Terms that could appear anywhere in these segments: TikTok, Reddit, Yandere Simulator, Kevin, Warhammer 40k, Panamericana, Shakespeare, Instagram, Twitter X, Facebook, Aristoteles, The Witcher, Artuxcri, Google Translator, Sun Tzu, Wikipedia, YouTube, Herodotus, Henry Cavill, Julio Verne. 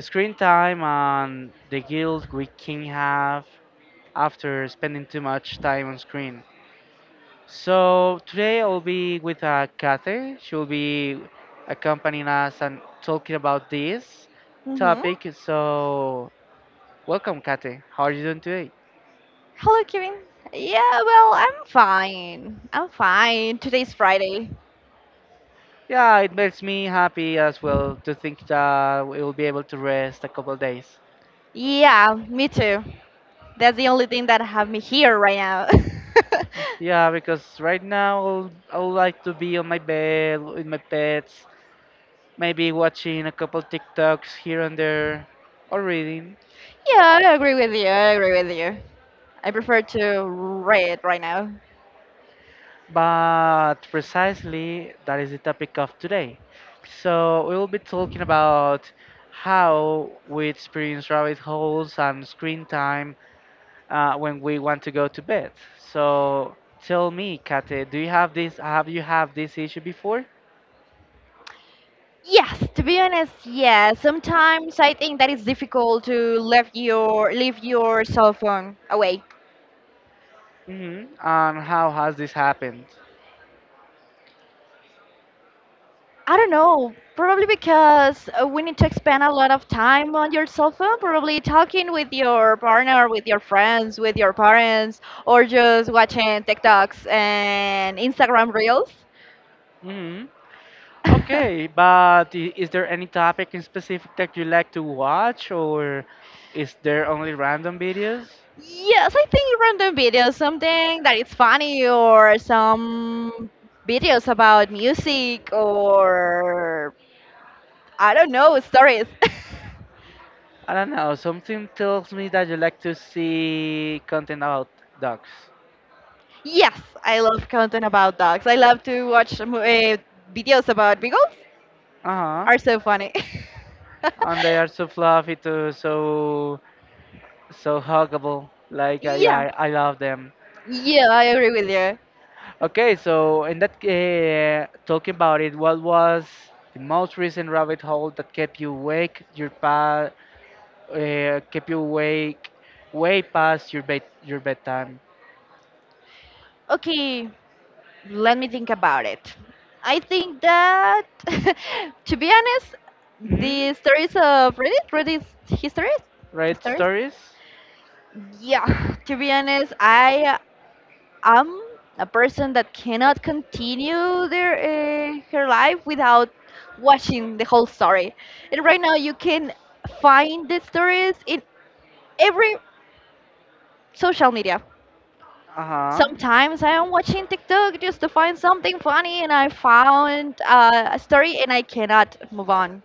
screen time and the guilt we can have after spending too much time on screen. So today I'll be with Kathy. She will be accompanying us and talking about this Mm-hmm. topic. So welcome, Kathy. How are you doing today? Hello, Kevin. Yeah, well, I'm fine. I'm fine. Today's Friday. Yeah, it makes me happy as well to think that we will be able to rest a couple of days. Yeah, me too. That's the only thing that have me here right now. Yeah, because right now I would like to be on my bed with my pets, maybe watching a couple TikToks here and there, or reading. Yeah, I agree with you. I agree with you. I prefer to read right now. But precisely that is the topic of today. So we will be talking about how we experience rabbit holes and screen time when we want to go to bed. So tell me, Kate, do you have this? Have you had this issue before? Yes, to be honest, yeah. Sometimes I think that it's difficult to leave your cell phone away. Hmm. And how has this happened? I don't know. Probably because we need to spend a lot of time on your cell phone, probably talking with your partner, with your friends, with your parents, or just watching TikToks and Instagram reels. Okay, but is there any topic in specific that you like to watch, or is there only random videos? Yes, I think random videos, something that is funny, or some videos about music, or I don't know, stories. I don't know. Something tells me that you like to see content about dogs. Yes, I love content about dogs. I love to watch videos about beagles. Uh huh. Are so funny. And they are so fluffy too, so so huggable. Like Yeah, yeah, I love them. yeah, I agree with you. Okay, so in that talking about it, what was the most recent rabbit hole that kept you awake your pa keep you awake way past your bed your bedtime. Okay, let me think about it. I think that, to be honest, Hmm. the stories of Reddit, Reddit histories, Right stories. stories? Yeah, to be honest, I am a person that cannot continue their her life without watching the whole story. And right now, you can find the stories in every social media. Uh huh. Sometimes I am watching TikTok just to find something funny, and I found a story, and I cannot move on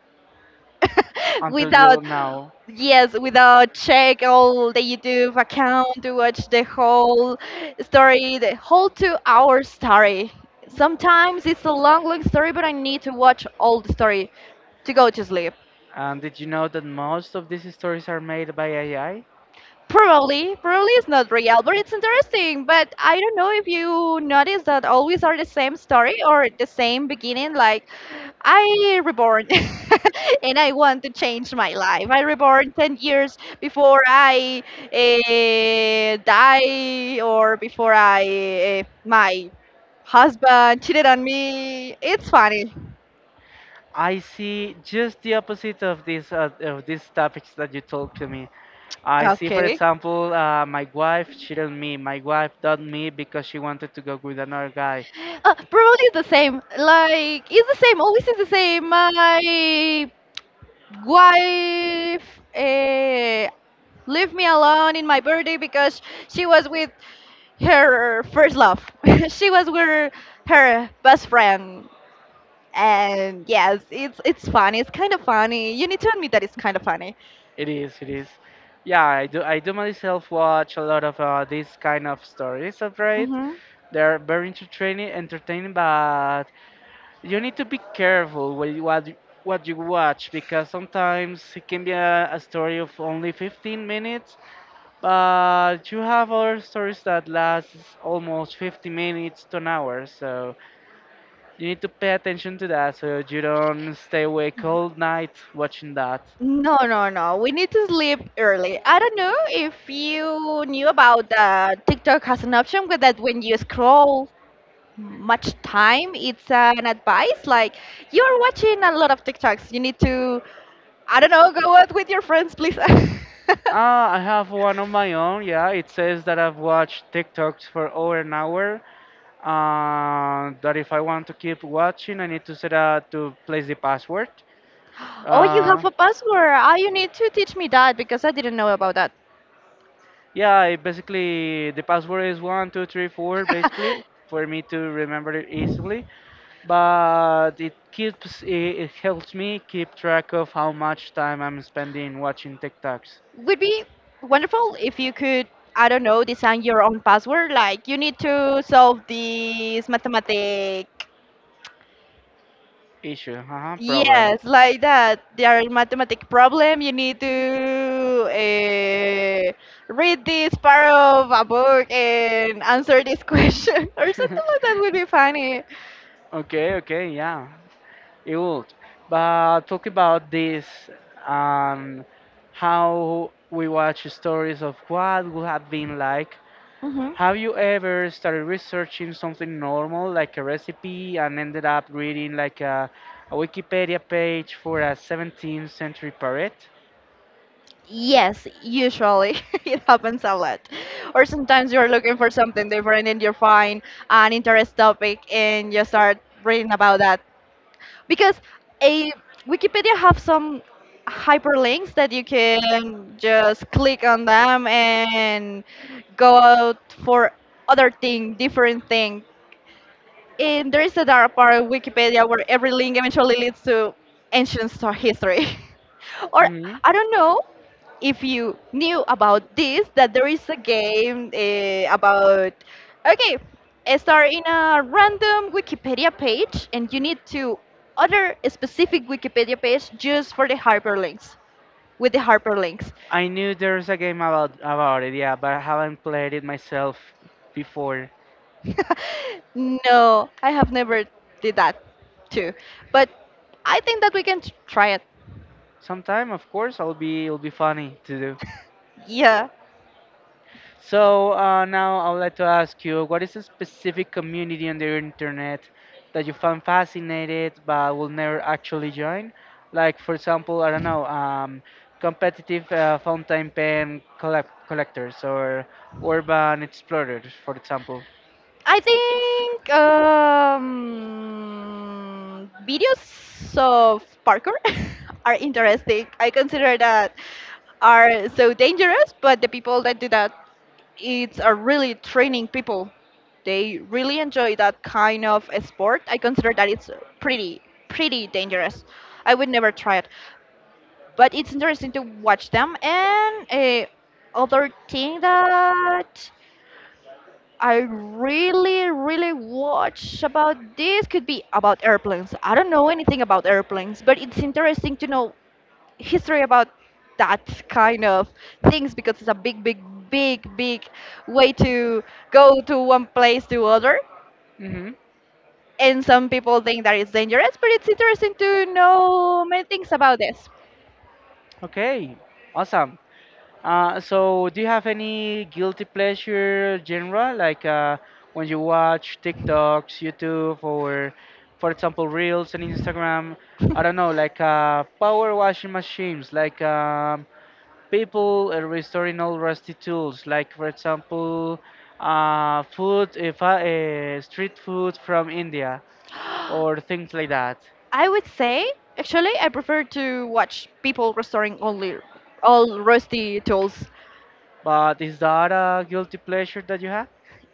Until without, you now. yes, without check all the YouTube account to watch the whole story, the whole 2-hour story. Sometimes it's a long, long story, but I need to watch all the story to go to sleep. And did you know that most of these stories are made by AI? I Probably, probably it's not real, but it's interesting. But I don't know if you notice that always are the same story or the same beginning. Like, I reborn and I want to change my life. I reborn 10 years before I die or before I my husband cheated on me. It's funny. I see just the opposite of these topics that you told to me. I see, for Okay. example, my wife cheated on me. My wife dumped me because she wanted to go with another guy. Probably the same. Like it's the same. Always is the same. My wife uh, left me alone in my birthday because she was with her first love. She was with her best friend. And yes, it's funny. It's kind of funny. You need to admit that it's kind of funny. It is, it is. Yeah, I do. I do myself watch a lot of these kind of stories of right. They're very entertaining, entertaining, but you need to be careful with what you watch because sometimes it can be a story of only 15 minutes, but you have other stories that last almost 50 minutes to an hour. So you need to pay attention to that so you don't stay awake all night watching that. No, no, no. We need to sleep early. I don't know if you knew about that. TikTok has an option with that when you scroll much time, it's an advice like you're watching a lot of TikToks. You need to, I don't know, go out with your friends, please. Ah, I have one of my own. Yeah, it says that I've watched TikToks for over an hour. That if I want to keep watching, I need to set out to place the password. Oh, you have Uh, a password. Ah, you need to teach me that because I didn't know about that. yeah, it basically the password is 1234 basically for me to remember it easily. But it keeps it helps me keep track of how much time I'm spending watching TikToks. Would be wonderful if you could, I don't know, design your own password. Like you need to solve this mathematic. Issue, uh-huh, problem. Yes, like that. There are mathematic problem. You need to uh, read this part of a book and answer this question or something like that would be funny. Okay, okay, yeah, it would. But talk about this, um, how we watch stories of what would have been like. Hmm. Have you ever started researching something normal, like a recipe, and ended up reading like a Wikipedia page for a 17th century parrot? Yes, usually it happens a lot. Or sometimes you're looking for something different and you find an interest topic and you start reading about that. Because a Wikipedia have some hyperlinks that you can just click on them and go out for other thing, different thing, and there is a dark part of Wikipedia where every link eventually leads to ancient star history. Or Hmm. I don't know if you knew about this that there is a game about okay, a star in a random Wikipedia page, and you need to other a specific Wikipedia page just for the hyperlinks with the hyperlinks. I knew there's a game about it, yeah, but I haven't played it myself before. No, I have never did that too, but I think that we can try it. Sometime, of course, I'll be it'll be funny to do. Yeah, So now I would like to ask you, what is a specific community on the internet that you found fascinated but will never actually join? Like, for example, I don't know, competitive fountain pen collectors or urban explorers, for example. I think videos of parkour are interesting. I consider that are so dangerous, but the people that do that, it's are really training people. They really enjoy that kind of a sport. I consider that it's pretty pretty dangerous. I would never try it, but it's interesting to watch them. And a other thing that I really, really watch about this. Could be about airplanes. I don't know anything about airplanes, but it's interesting to know history about that kind of things because it's a big, big, big, big way to go to one place to other. Hmm. And some people think that it's dangerous, but it's interesting to know many things about this. Okay, awesome. So, do you have any guilty pleasure genre, like when you watch TikToks, YouTube, or for example, Reels and Instagram? I don't know, like power washing machines, like people restoring old rusty tools, like for example, food, if I, street food from India, or things like that. I would say, actually, I prefer to watch people restoring only all rusty tools. But is that a guilty pleasure that you have?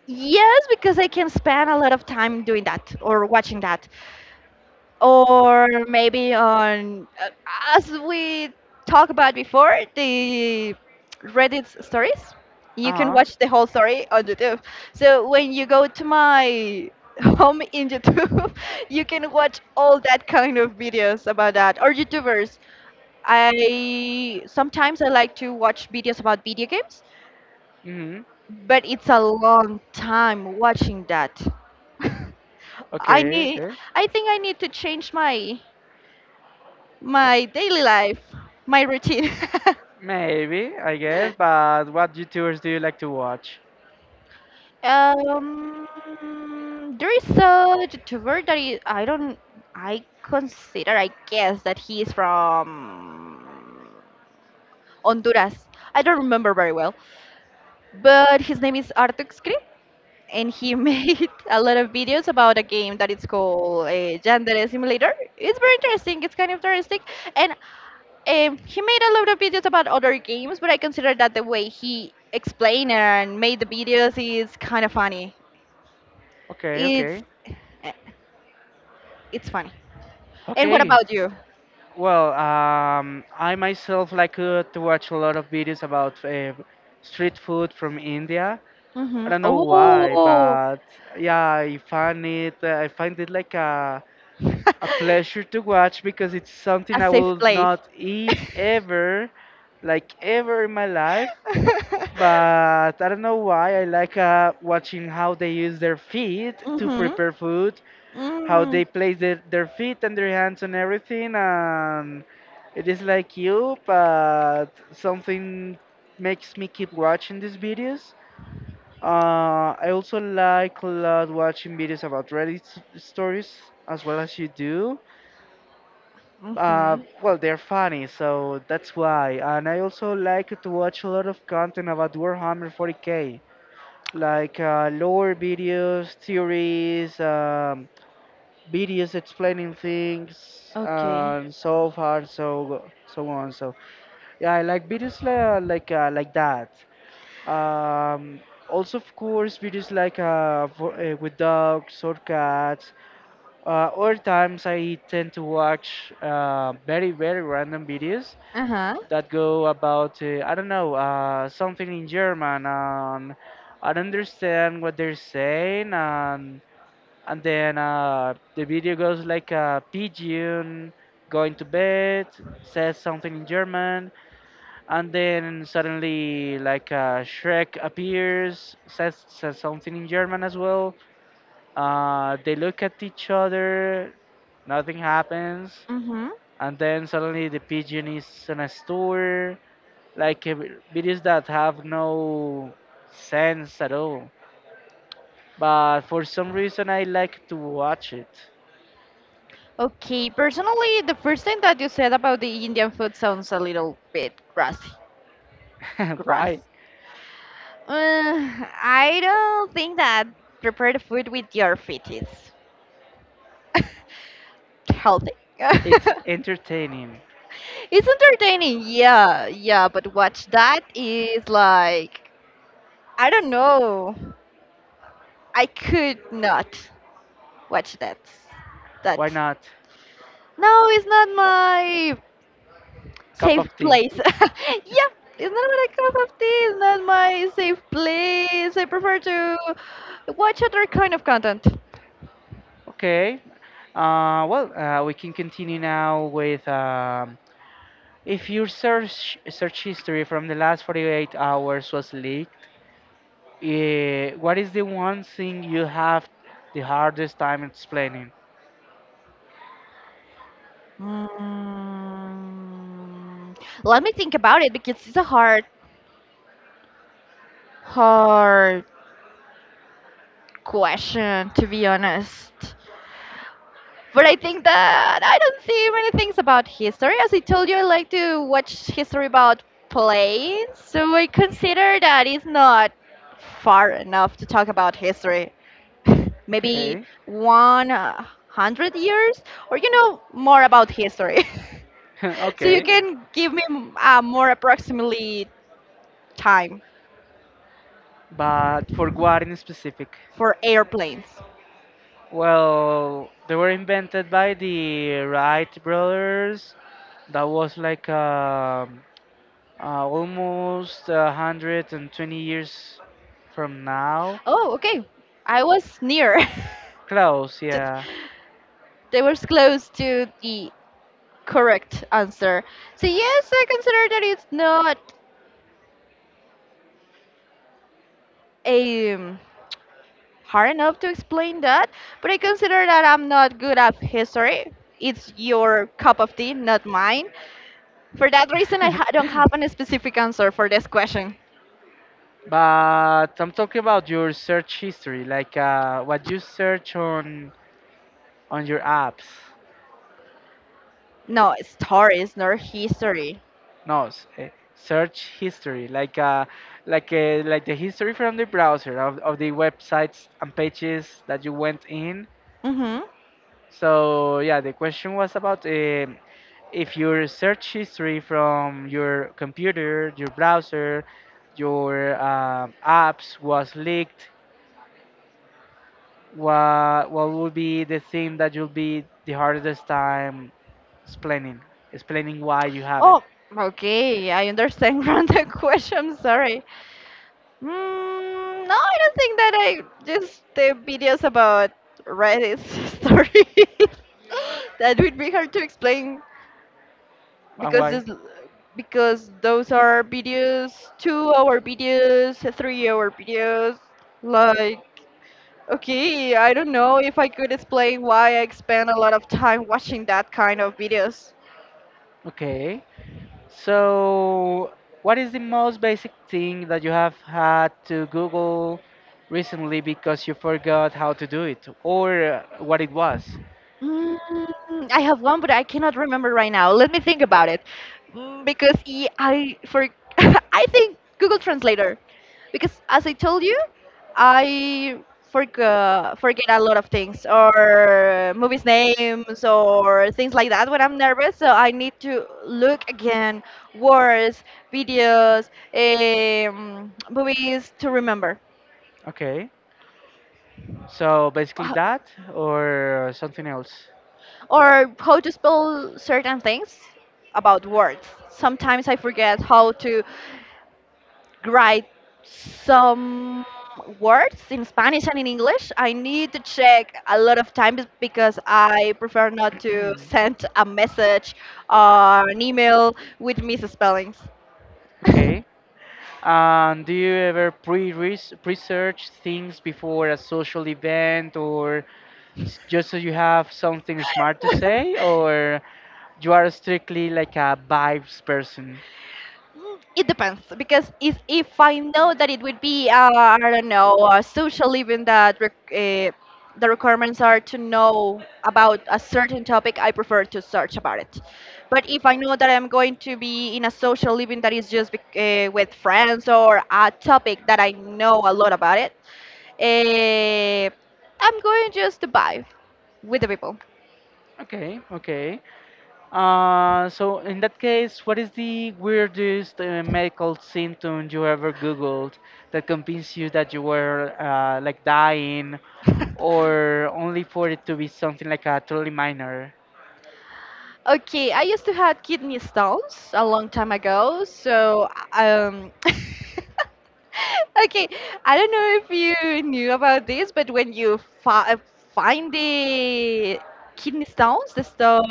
Yes, because I can spend a lot of time doing that or watching that. Or maybe on, as we talked about before, the Reddit stories. You can Uh huh. watch the whole story on YouTube. So when you go to my home in YouTube, you can watch all that kind of videos about that or YouTubers. I sometimes I like to watch videos about video games, Hmm. but it's a long time watching that. I Okay, need okay. I think I need to change my daily life, my routine. Maybe, I guess, but what YouTubers do you like to watch? um there is a YouTuber that is, I don't I consider I guess that he is from Honduras. I don't remember very well. But his name is Artuxcri and he made a lot of videos about a game that is called Yandere Simulator. It's very interesting. It's kind of interesting, and he made a lot of videos about other games. But I consider that the way he explained and made the videos is kind of funny. Okay, It's okay. eh, it's funny. And what Okay. about you? Well, I myself like to watch a lot of videos about street food from India. I Hmm. don't know why, Oh, but yeah, I find it like a a a pleasure to watch because it's something I safe will place. not eat ever, like ever in my life. But I don't know why I like watching how they use their feet to Mm-hmm. prepare food, how Mm-hmm. they place their feet and their hands on everything, and it is like you, but something makes me keep watching these videos. I also like a lot watching videos about Reddit stories as well as you do well, they're funny, so that's why. And I also like to watch a lot of content about Warhammer 40k, like lore videos, theories, videos explaining things, Okay. and so far, so on. So yeah, I like videos like like that. Um, also, of course, videos like with dogs or cats. Other times, I tend to watch very, very random videos Uh-huh. that go about, I don't know, something in German, and I don't understand what they're saying, and then the video goes like a pigeon going to bed says something in German, and then suddenly like Shrek appears, says something in German as well. They look at each other, nothing happens, Mm-hmm. and then suddenly the pigeon is in a store, like videos that have no sense at all. But for some reason, I like to watch it. Okay, personally, the first thing that you said about the Indian food sounds a little bit grassy. Grass. Why? I don't think that prepared food with your feet is healthy. It's entertaining. It's entertaining, yeah, yeah, but watch that is like I don't know. I could not watch that. That Why not? no, it's not my Cup safe of tea. place. Yep, it's not my cup of tea. It's not my safe place. I prefer to watch other kind of content. Okay. Well, we can continue now with if your search history from the last 48 hours was leaked, eh, what is the one thing you have the hardest time explaining? Mm, let me think about it because it's a hard, hard question to be honest. But I think that I don't see many things about history. As I told you, I like to watch history about planes, so I consider that it's not far enough to talk about history. Maybe Okay. one 100 years, or you know more about history, so you Okay. can give me a more approximately time But for what in specific? for airplanes. Well, they were invented by the Wright brothers. That was like almost a 120 years from now. Oh, okay, I was near. Close, to- yeah. they were close to the correct answer. So yes, I consider that it's not um, hard enough to explain that, but I consider that I'm not good at history. It's your cup of tea, not mine. For that reason, I don't have a specific answer for this question. But I'm talking about your search history, like what you search on your apps. No, stories, nor history. No, s- eh, search history, like like the history from the browser of the websites and pages that you went in. Mm-hmm. So yeah, the question was about if your search history from your computer, your browser, your apps was leaked, what would be the thing that you'll be the hardest time explaining, explaining why you have it Oh, okay. I understand from the question. Sorry. Mm, no, I don't think that I just the videos about Reddit stories. That would be hard to explain and because why? this, because those are videos, 2-hour videos, 3-hour videos. Like, okay, I don't know if I could explain why I spend a lot of time watching that kind of videos. Okay, so what is the most basic thing that you have had to Google recently because you forgot how to do it or what it was? Mm, I have one, but I cannot remember right now. Let me think about it, mm, because I for I think Google Translator, because as I told you, I forget a lot of things or movies names or things like that when I'm nervous. So I need to look again words, videos, movies to remember. Okay. So basically Uh, that or something else. or how to spell certain things about words. Sometimes I forget how to write some words in Spanish and in English. I need to check a lot of times because I prefer not to send a message or an email with misspellings. Okay. And do you ever pre-research things before a social event or just so you have something smart to say or you are strictly like a vibes person? It depends because if I know that it would be I don't know a social event that uh, the requirements are to know about a certain topic, I prefer to search about it. But if I know that I'm going to be in a social event that is just with friends or a topic that I know a lot about it, uh, I'm going just to vibe with the people. Okay, okay. So in that case, what is the weirdest medical symptom you ever Googled that convinced you that you were like dying, or only for it to be something like a truly minor? Okay, I used to have kidney stones a long time ago, so okay, I don't know if you knew about this, but when you fi find the kidney stones, the sto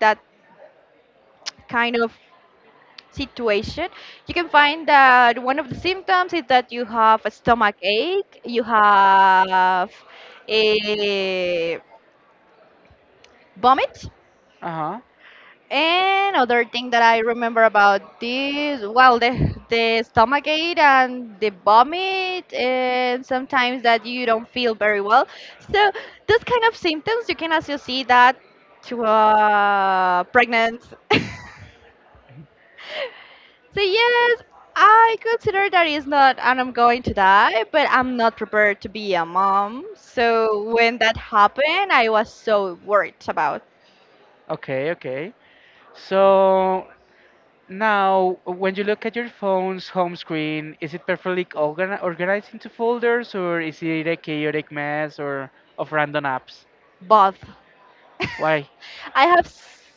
that kind of situation, you can find that one of the symptoms is that you have a stomach ache, you have a vomit, Uh-huh. and other thing that I remember about this, well, the stomach ache and the vomit, and sometimes that you don't feel very well. So those kind of symptoms you can also see that to a pregnant. So yes, I consider that is not, and I'm going to die, but I'm not prepared to be a mom. So when that happened, I was so worried about Okay, okay. So now, when you look at your phone's home screen, is it perfectly organized into folders, or is it a chaotic mess or of random apps? both. Why? I have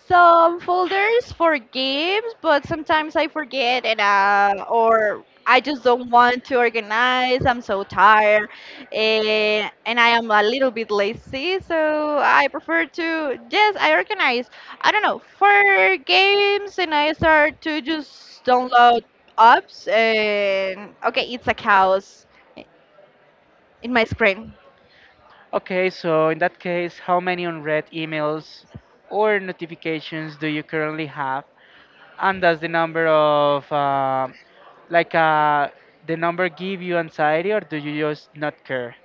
some folders for games, but sometimes I forget and or I just don't want to organize. I'm so tired, and I am a little bit lazy, so I prefer to yes, I organize. I don't know for games, and I start to just download apps, and okay, it's a chaos in my screen. Okay, so in that case, how many unread emails or notifications do you currently have? And does the number of, like, uh, the number give you anxiety or do you just not care?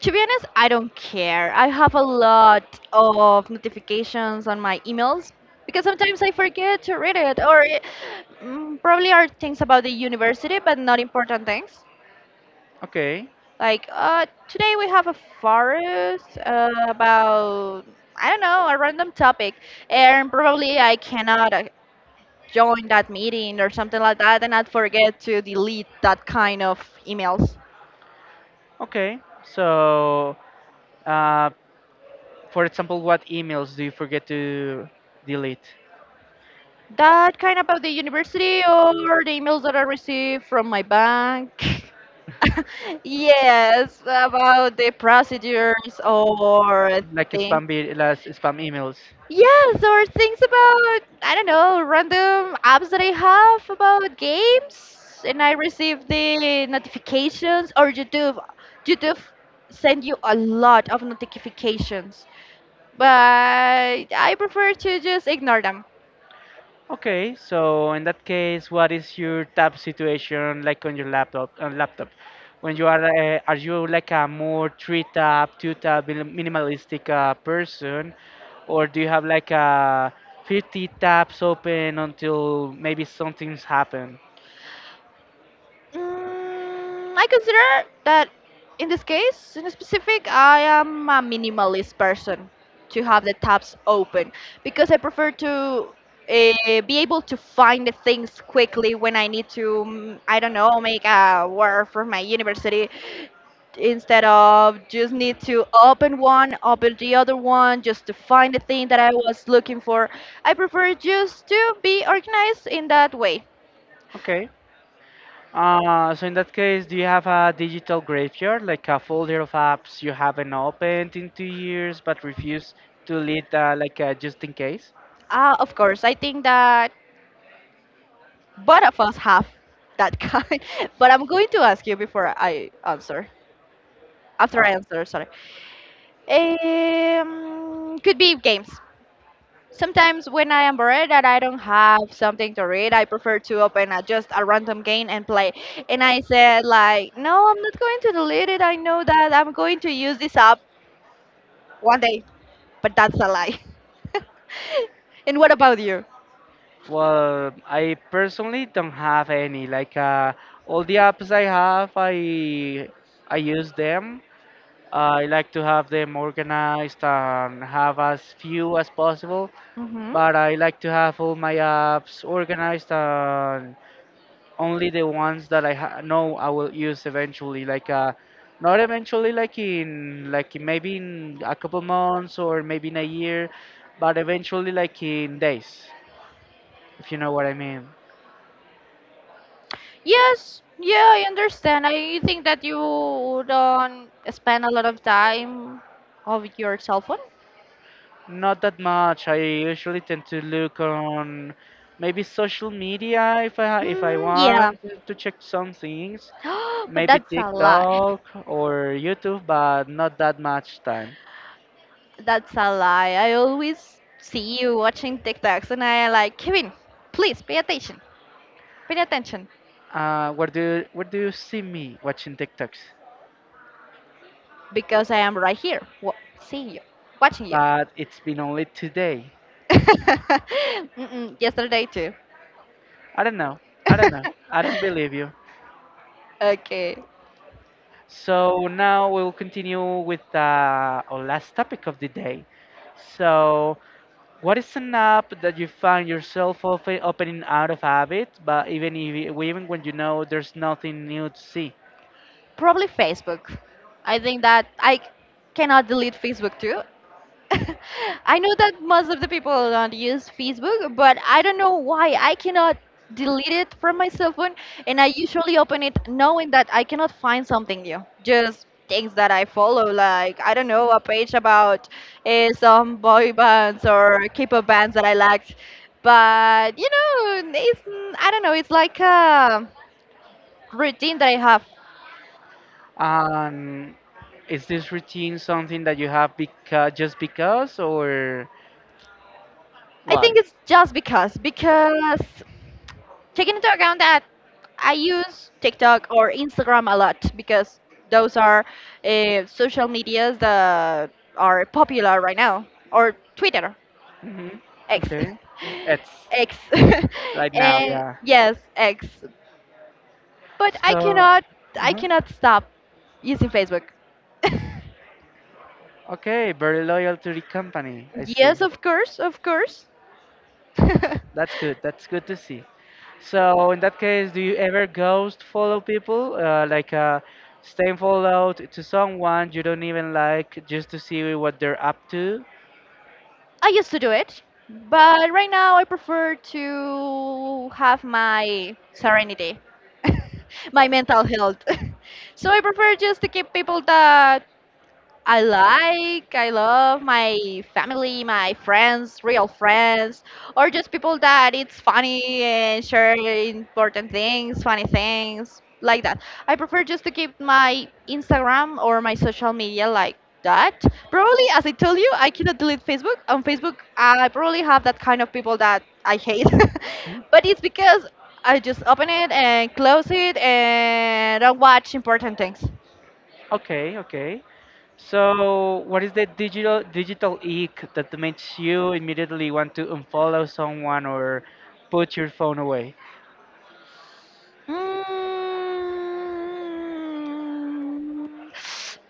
To be honest, I don't care. I have a lot of notifications on my emails because sometimes I forget to read it, or it, probably are things about the university, but not important things. Okay, Like today we have a forest about I don't know a random topic, and probably I cannot join that meeting or something like that, and I forget to delete that kind of emails. okay. So, uh, for example, what emails do you forget to delete? That kind about the university or the emails that I receive from my bank. Yes, about the procedures or Like thing. spam, like spam emails. Yes, or things about I don't know random apps that I have about games, and I receive the notifications or YouTube. YouTube send you a lot of notifications, but I prefer to just ignore them. Okay, so in that case, what is your tab situation like on your laptop? On laptop, when you are you like a more three tab, two tab minimalistic person, or do you have like a 50 tabs open until maybe something's happened? I consider that in this case, in specific, I am a minimalist person to have the tabs open because I prefer to be able to find the things quickly when I need to, I don't know, make a work for my university instead of just need to open one, open the other one just to find the thing that I was looking for. I prefer just to be organized in that way. Okay. So in that case, do you have a digital graveyard, like a folder of apps you haven't opened in 2 years but refuse to delete, like just in case? Of course, I think that both of us have that kind. But I'm going to ask you before I answer. After Uh, I answer, sorry. Could be games. Sometimes when I am bored and I don't have something to read, I prefer to open just a random game and play. And I said like, no, I'm not going to delete it. I know that I'm going to use this app one day, but that's a lie. And what about you? Well, I personally don't have any. Like all the apps I have, I use them. I like to have them organized and have as few as possible. But I like to have all my apps organized and only the ones that I ha know I will use eventually. Like not eventually, like in maybe in a couple months or maybe in a year, but eventually, like in days, if you know what I mean. Yes, yeah, I understand. I think that you don't spend a lot of time of your cell phone. Not that much. I usually tend to look on maybe social media if I Mm, yeah, want to check some things, but maybe that's a lie. TikTok or YouTube, but not that much time. That's a lie. I always see you watching TikToks, and I like Kevin. Please pay attention. Pay attention Where do you see me watching TikToks? because I am right here, seeing you, watching you. But it's been only today. Mm-mm, yesterday too. I don't know. I don't know. I don't believe you. Okay. So now we'll continue with our last topic of the day. So what is an app that you find yourself opening out of habit, but even if even when you know there's nothing new to see? Probably Facebook. I think that I cannot delete Facebook too. I know that most of the people don't use Facebook, but I don't know why I cannot delete it from my cell phone. And I usually open it knowing that I cannot find something new. Just things that I follow, like I don't know, a page about some boy bands or K-pop bands that I liked. But you know, it's I don't know. It's like a routine that I have. And is this routine something that you have because just because, or I why? think it's just because taking into account that I use TikTok or Instagram a lot because those are social medias that are popular right now, or Twitter hmm X. Okay, it's X. right now, Eh, yeah. yes X, but I So, cannot I uh cannot stop using Facebook. okay, very loyal to the company. I see. Yes, of course, of course. That's good. That's good to see. So in that case, do you ever ghost follow people? Staying followed to someone you don't even like just to see what they're up to? I used to do it, but right now I prefer to have my serenity, my mental health. So I prefer just to keep people that I like, I love my family, my friends, real friends, or just people that it's funny and share important things, funny things like that. I prefer just to keep my Instagram or my social media like that. Probably, as I told you, I cannot delete Facebook. On Facebook, I probably have that kind of people that I hate, but it's because I just open it and close it and don't watch important things. Okay, okay. So what is the digital ick that makes you immediately want to unfollow someone or put your phone away? Mm.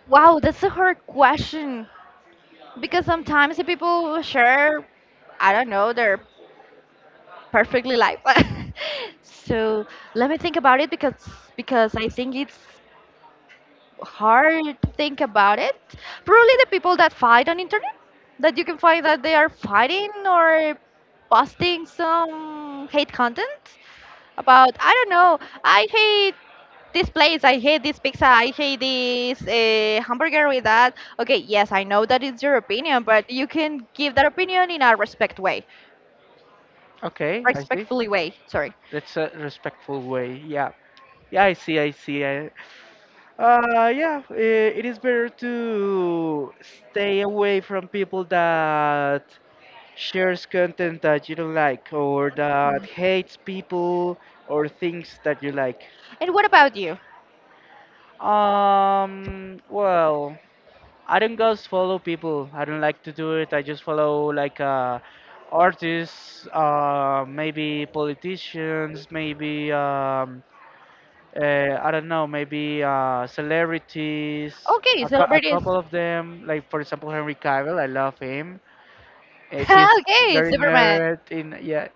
Wow, that's a hard question because sometimes the people share, I don't know, their perfectly life. So let me think about it because I think it's hard to think about it. Probably the people that fight on internet that you can find that they are fighting or posting some hate content about I don't know. I hate this place. I hate this pizza. I hate this hamburger with that. Okay, yes, I know that is your opinion, but you can give that opinion in a respect way, Okay, I see. respectfully way. Sorry. That's a respectful way. Yeah. Yeah, I see, I see. It is better to stay away from people that shares content that you don't like or that hates people or things that you like. And what about you? Well, I don't just follow people. I don't like to do it. I just follow like artists, maybe politicians, maybe I don't know, maybe celebrities, Okay, a celebrities. couple of them, like for example Henry Cavill. I love him. He's Okay, very Superman, nerd. In yeah,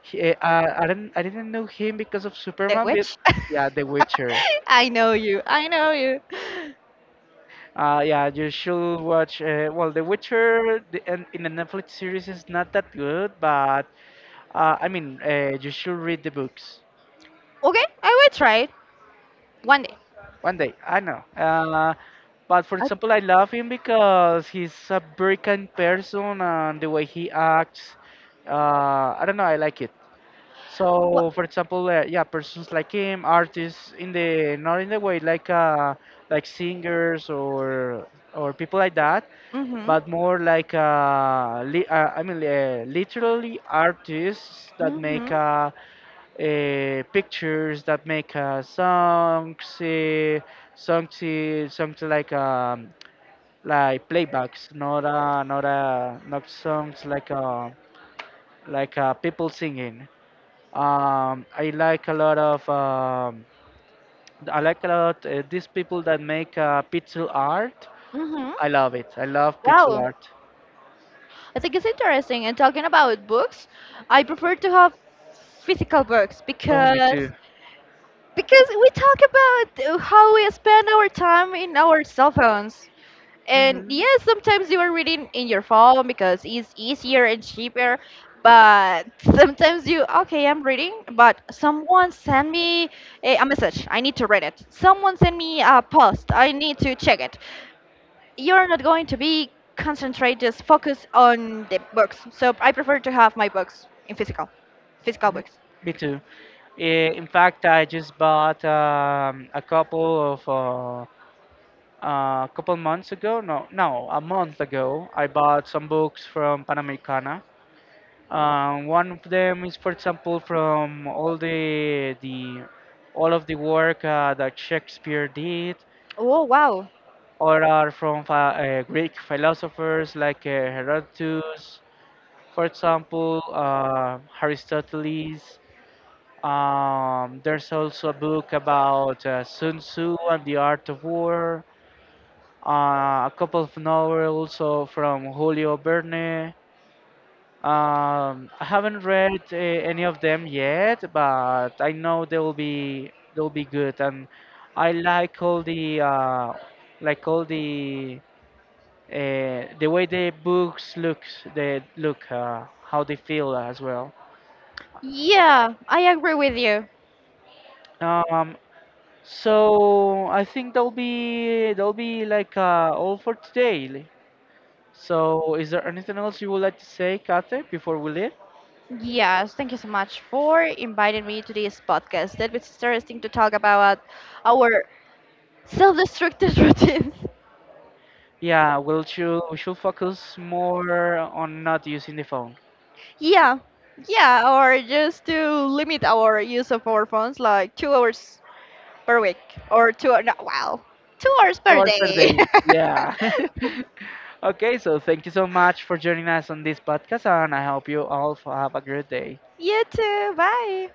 he, uh, I didn't know him because of the Superman, but witch. yeah, The Witcher. I know you. I know you. Yeah, you should watch. Well, The Witcher, in the Netflix series is not that good, but you should read the books. Okay, I will try it one day. One day, I know. But for I, example, I love him because he's a very kind person and the way he acts. Uh, I don't know, I like it. what? So, for example, yeah, persons like him, artists, in the not in the way like singers or people like that, Mhm. but more like literally artists that Mhm. make pictures, that make songs like playbacks, not not songs like people singing. I like a lot of I like a lot these people that make pixel art. Mhm. I love it. I love pixel Wow. art. I think it's interesting. And talking about books, I prefer to have physical books Oh, me because too. because we talk about how we spend our time in our cell phones. And hmm yes, sometimes you are reading in your phone because it's easier and cheaper. But sometimes you, okay, I'm reading, but someone send me a message. I need to read it. Someone send me a post. I need to check it. You're not going to be concentrate, just focus on the books. So I prefer to have my books in physical Mhm. books. Me too. In fact, I just bought a couple months ago, no, no, a month ago, I bought some books from Panamericana. One of them is, for example, from all of the work that Shakespeare did, Oh, wow. or are from Greek philosophers like Herodotus, for example, Aristoteles. There's also a book about Sun Tzu and the Art of War, a couple of novels from Julio Verne. I haven't read any of them yet, but I know they will be good, and I like all the way they look, how they feel as well. Yeah, I agree with you. Um, so I think that'll be like all for today. So is there anything else you would like to say, Kate, before we leave? Yes, thank you so much for inviting me to this podcast. That was interesting to talk about our self-destructive routines. Yeah, we should focus more on not using the phone. Yeah, yeah, or just to limit our use of our phones like 2 hours per week or two, no, wow, 2 hours Two per hours per day. day. Yeah. Okay, so thank you so much for joining us on this podcast, and I hope you all have a great day. You too. Bye.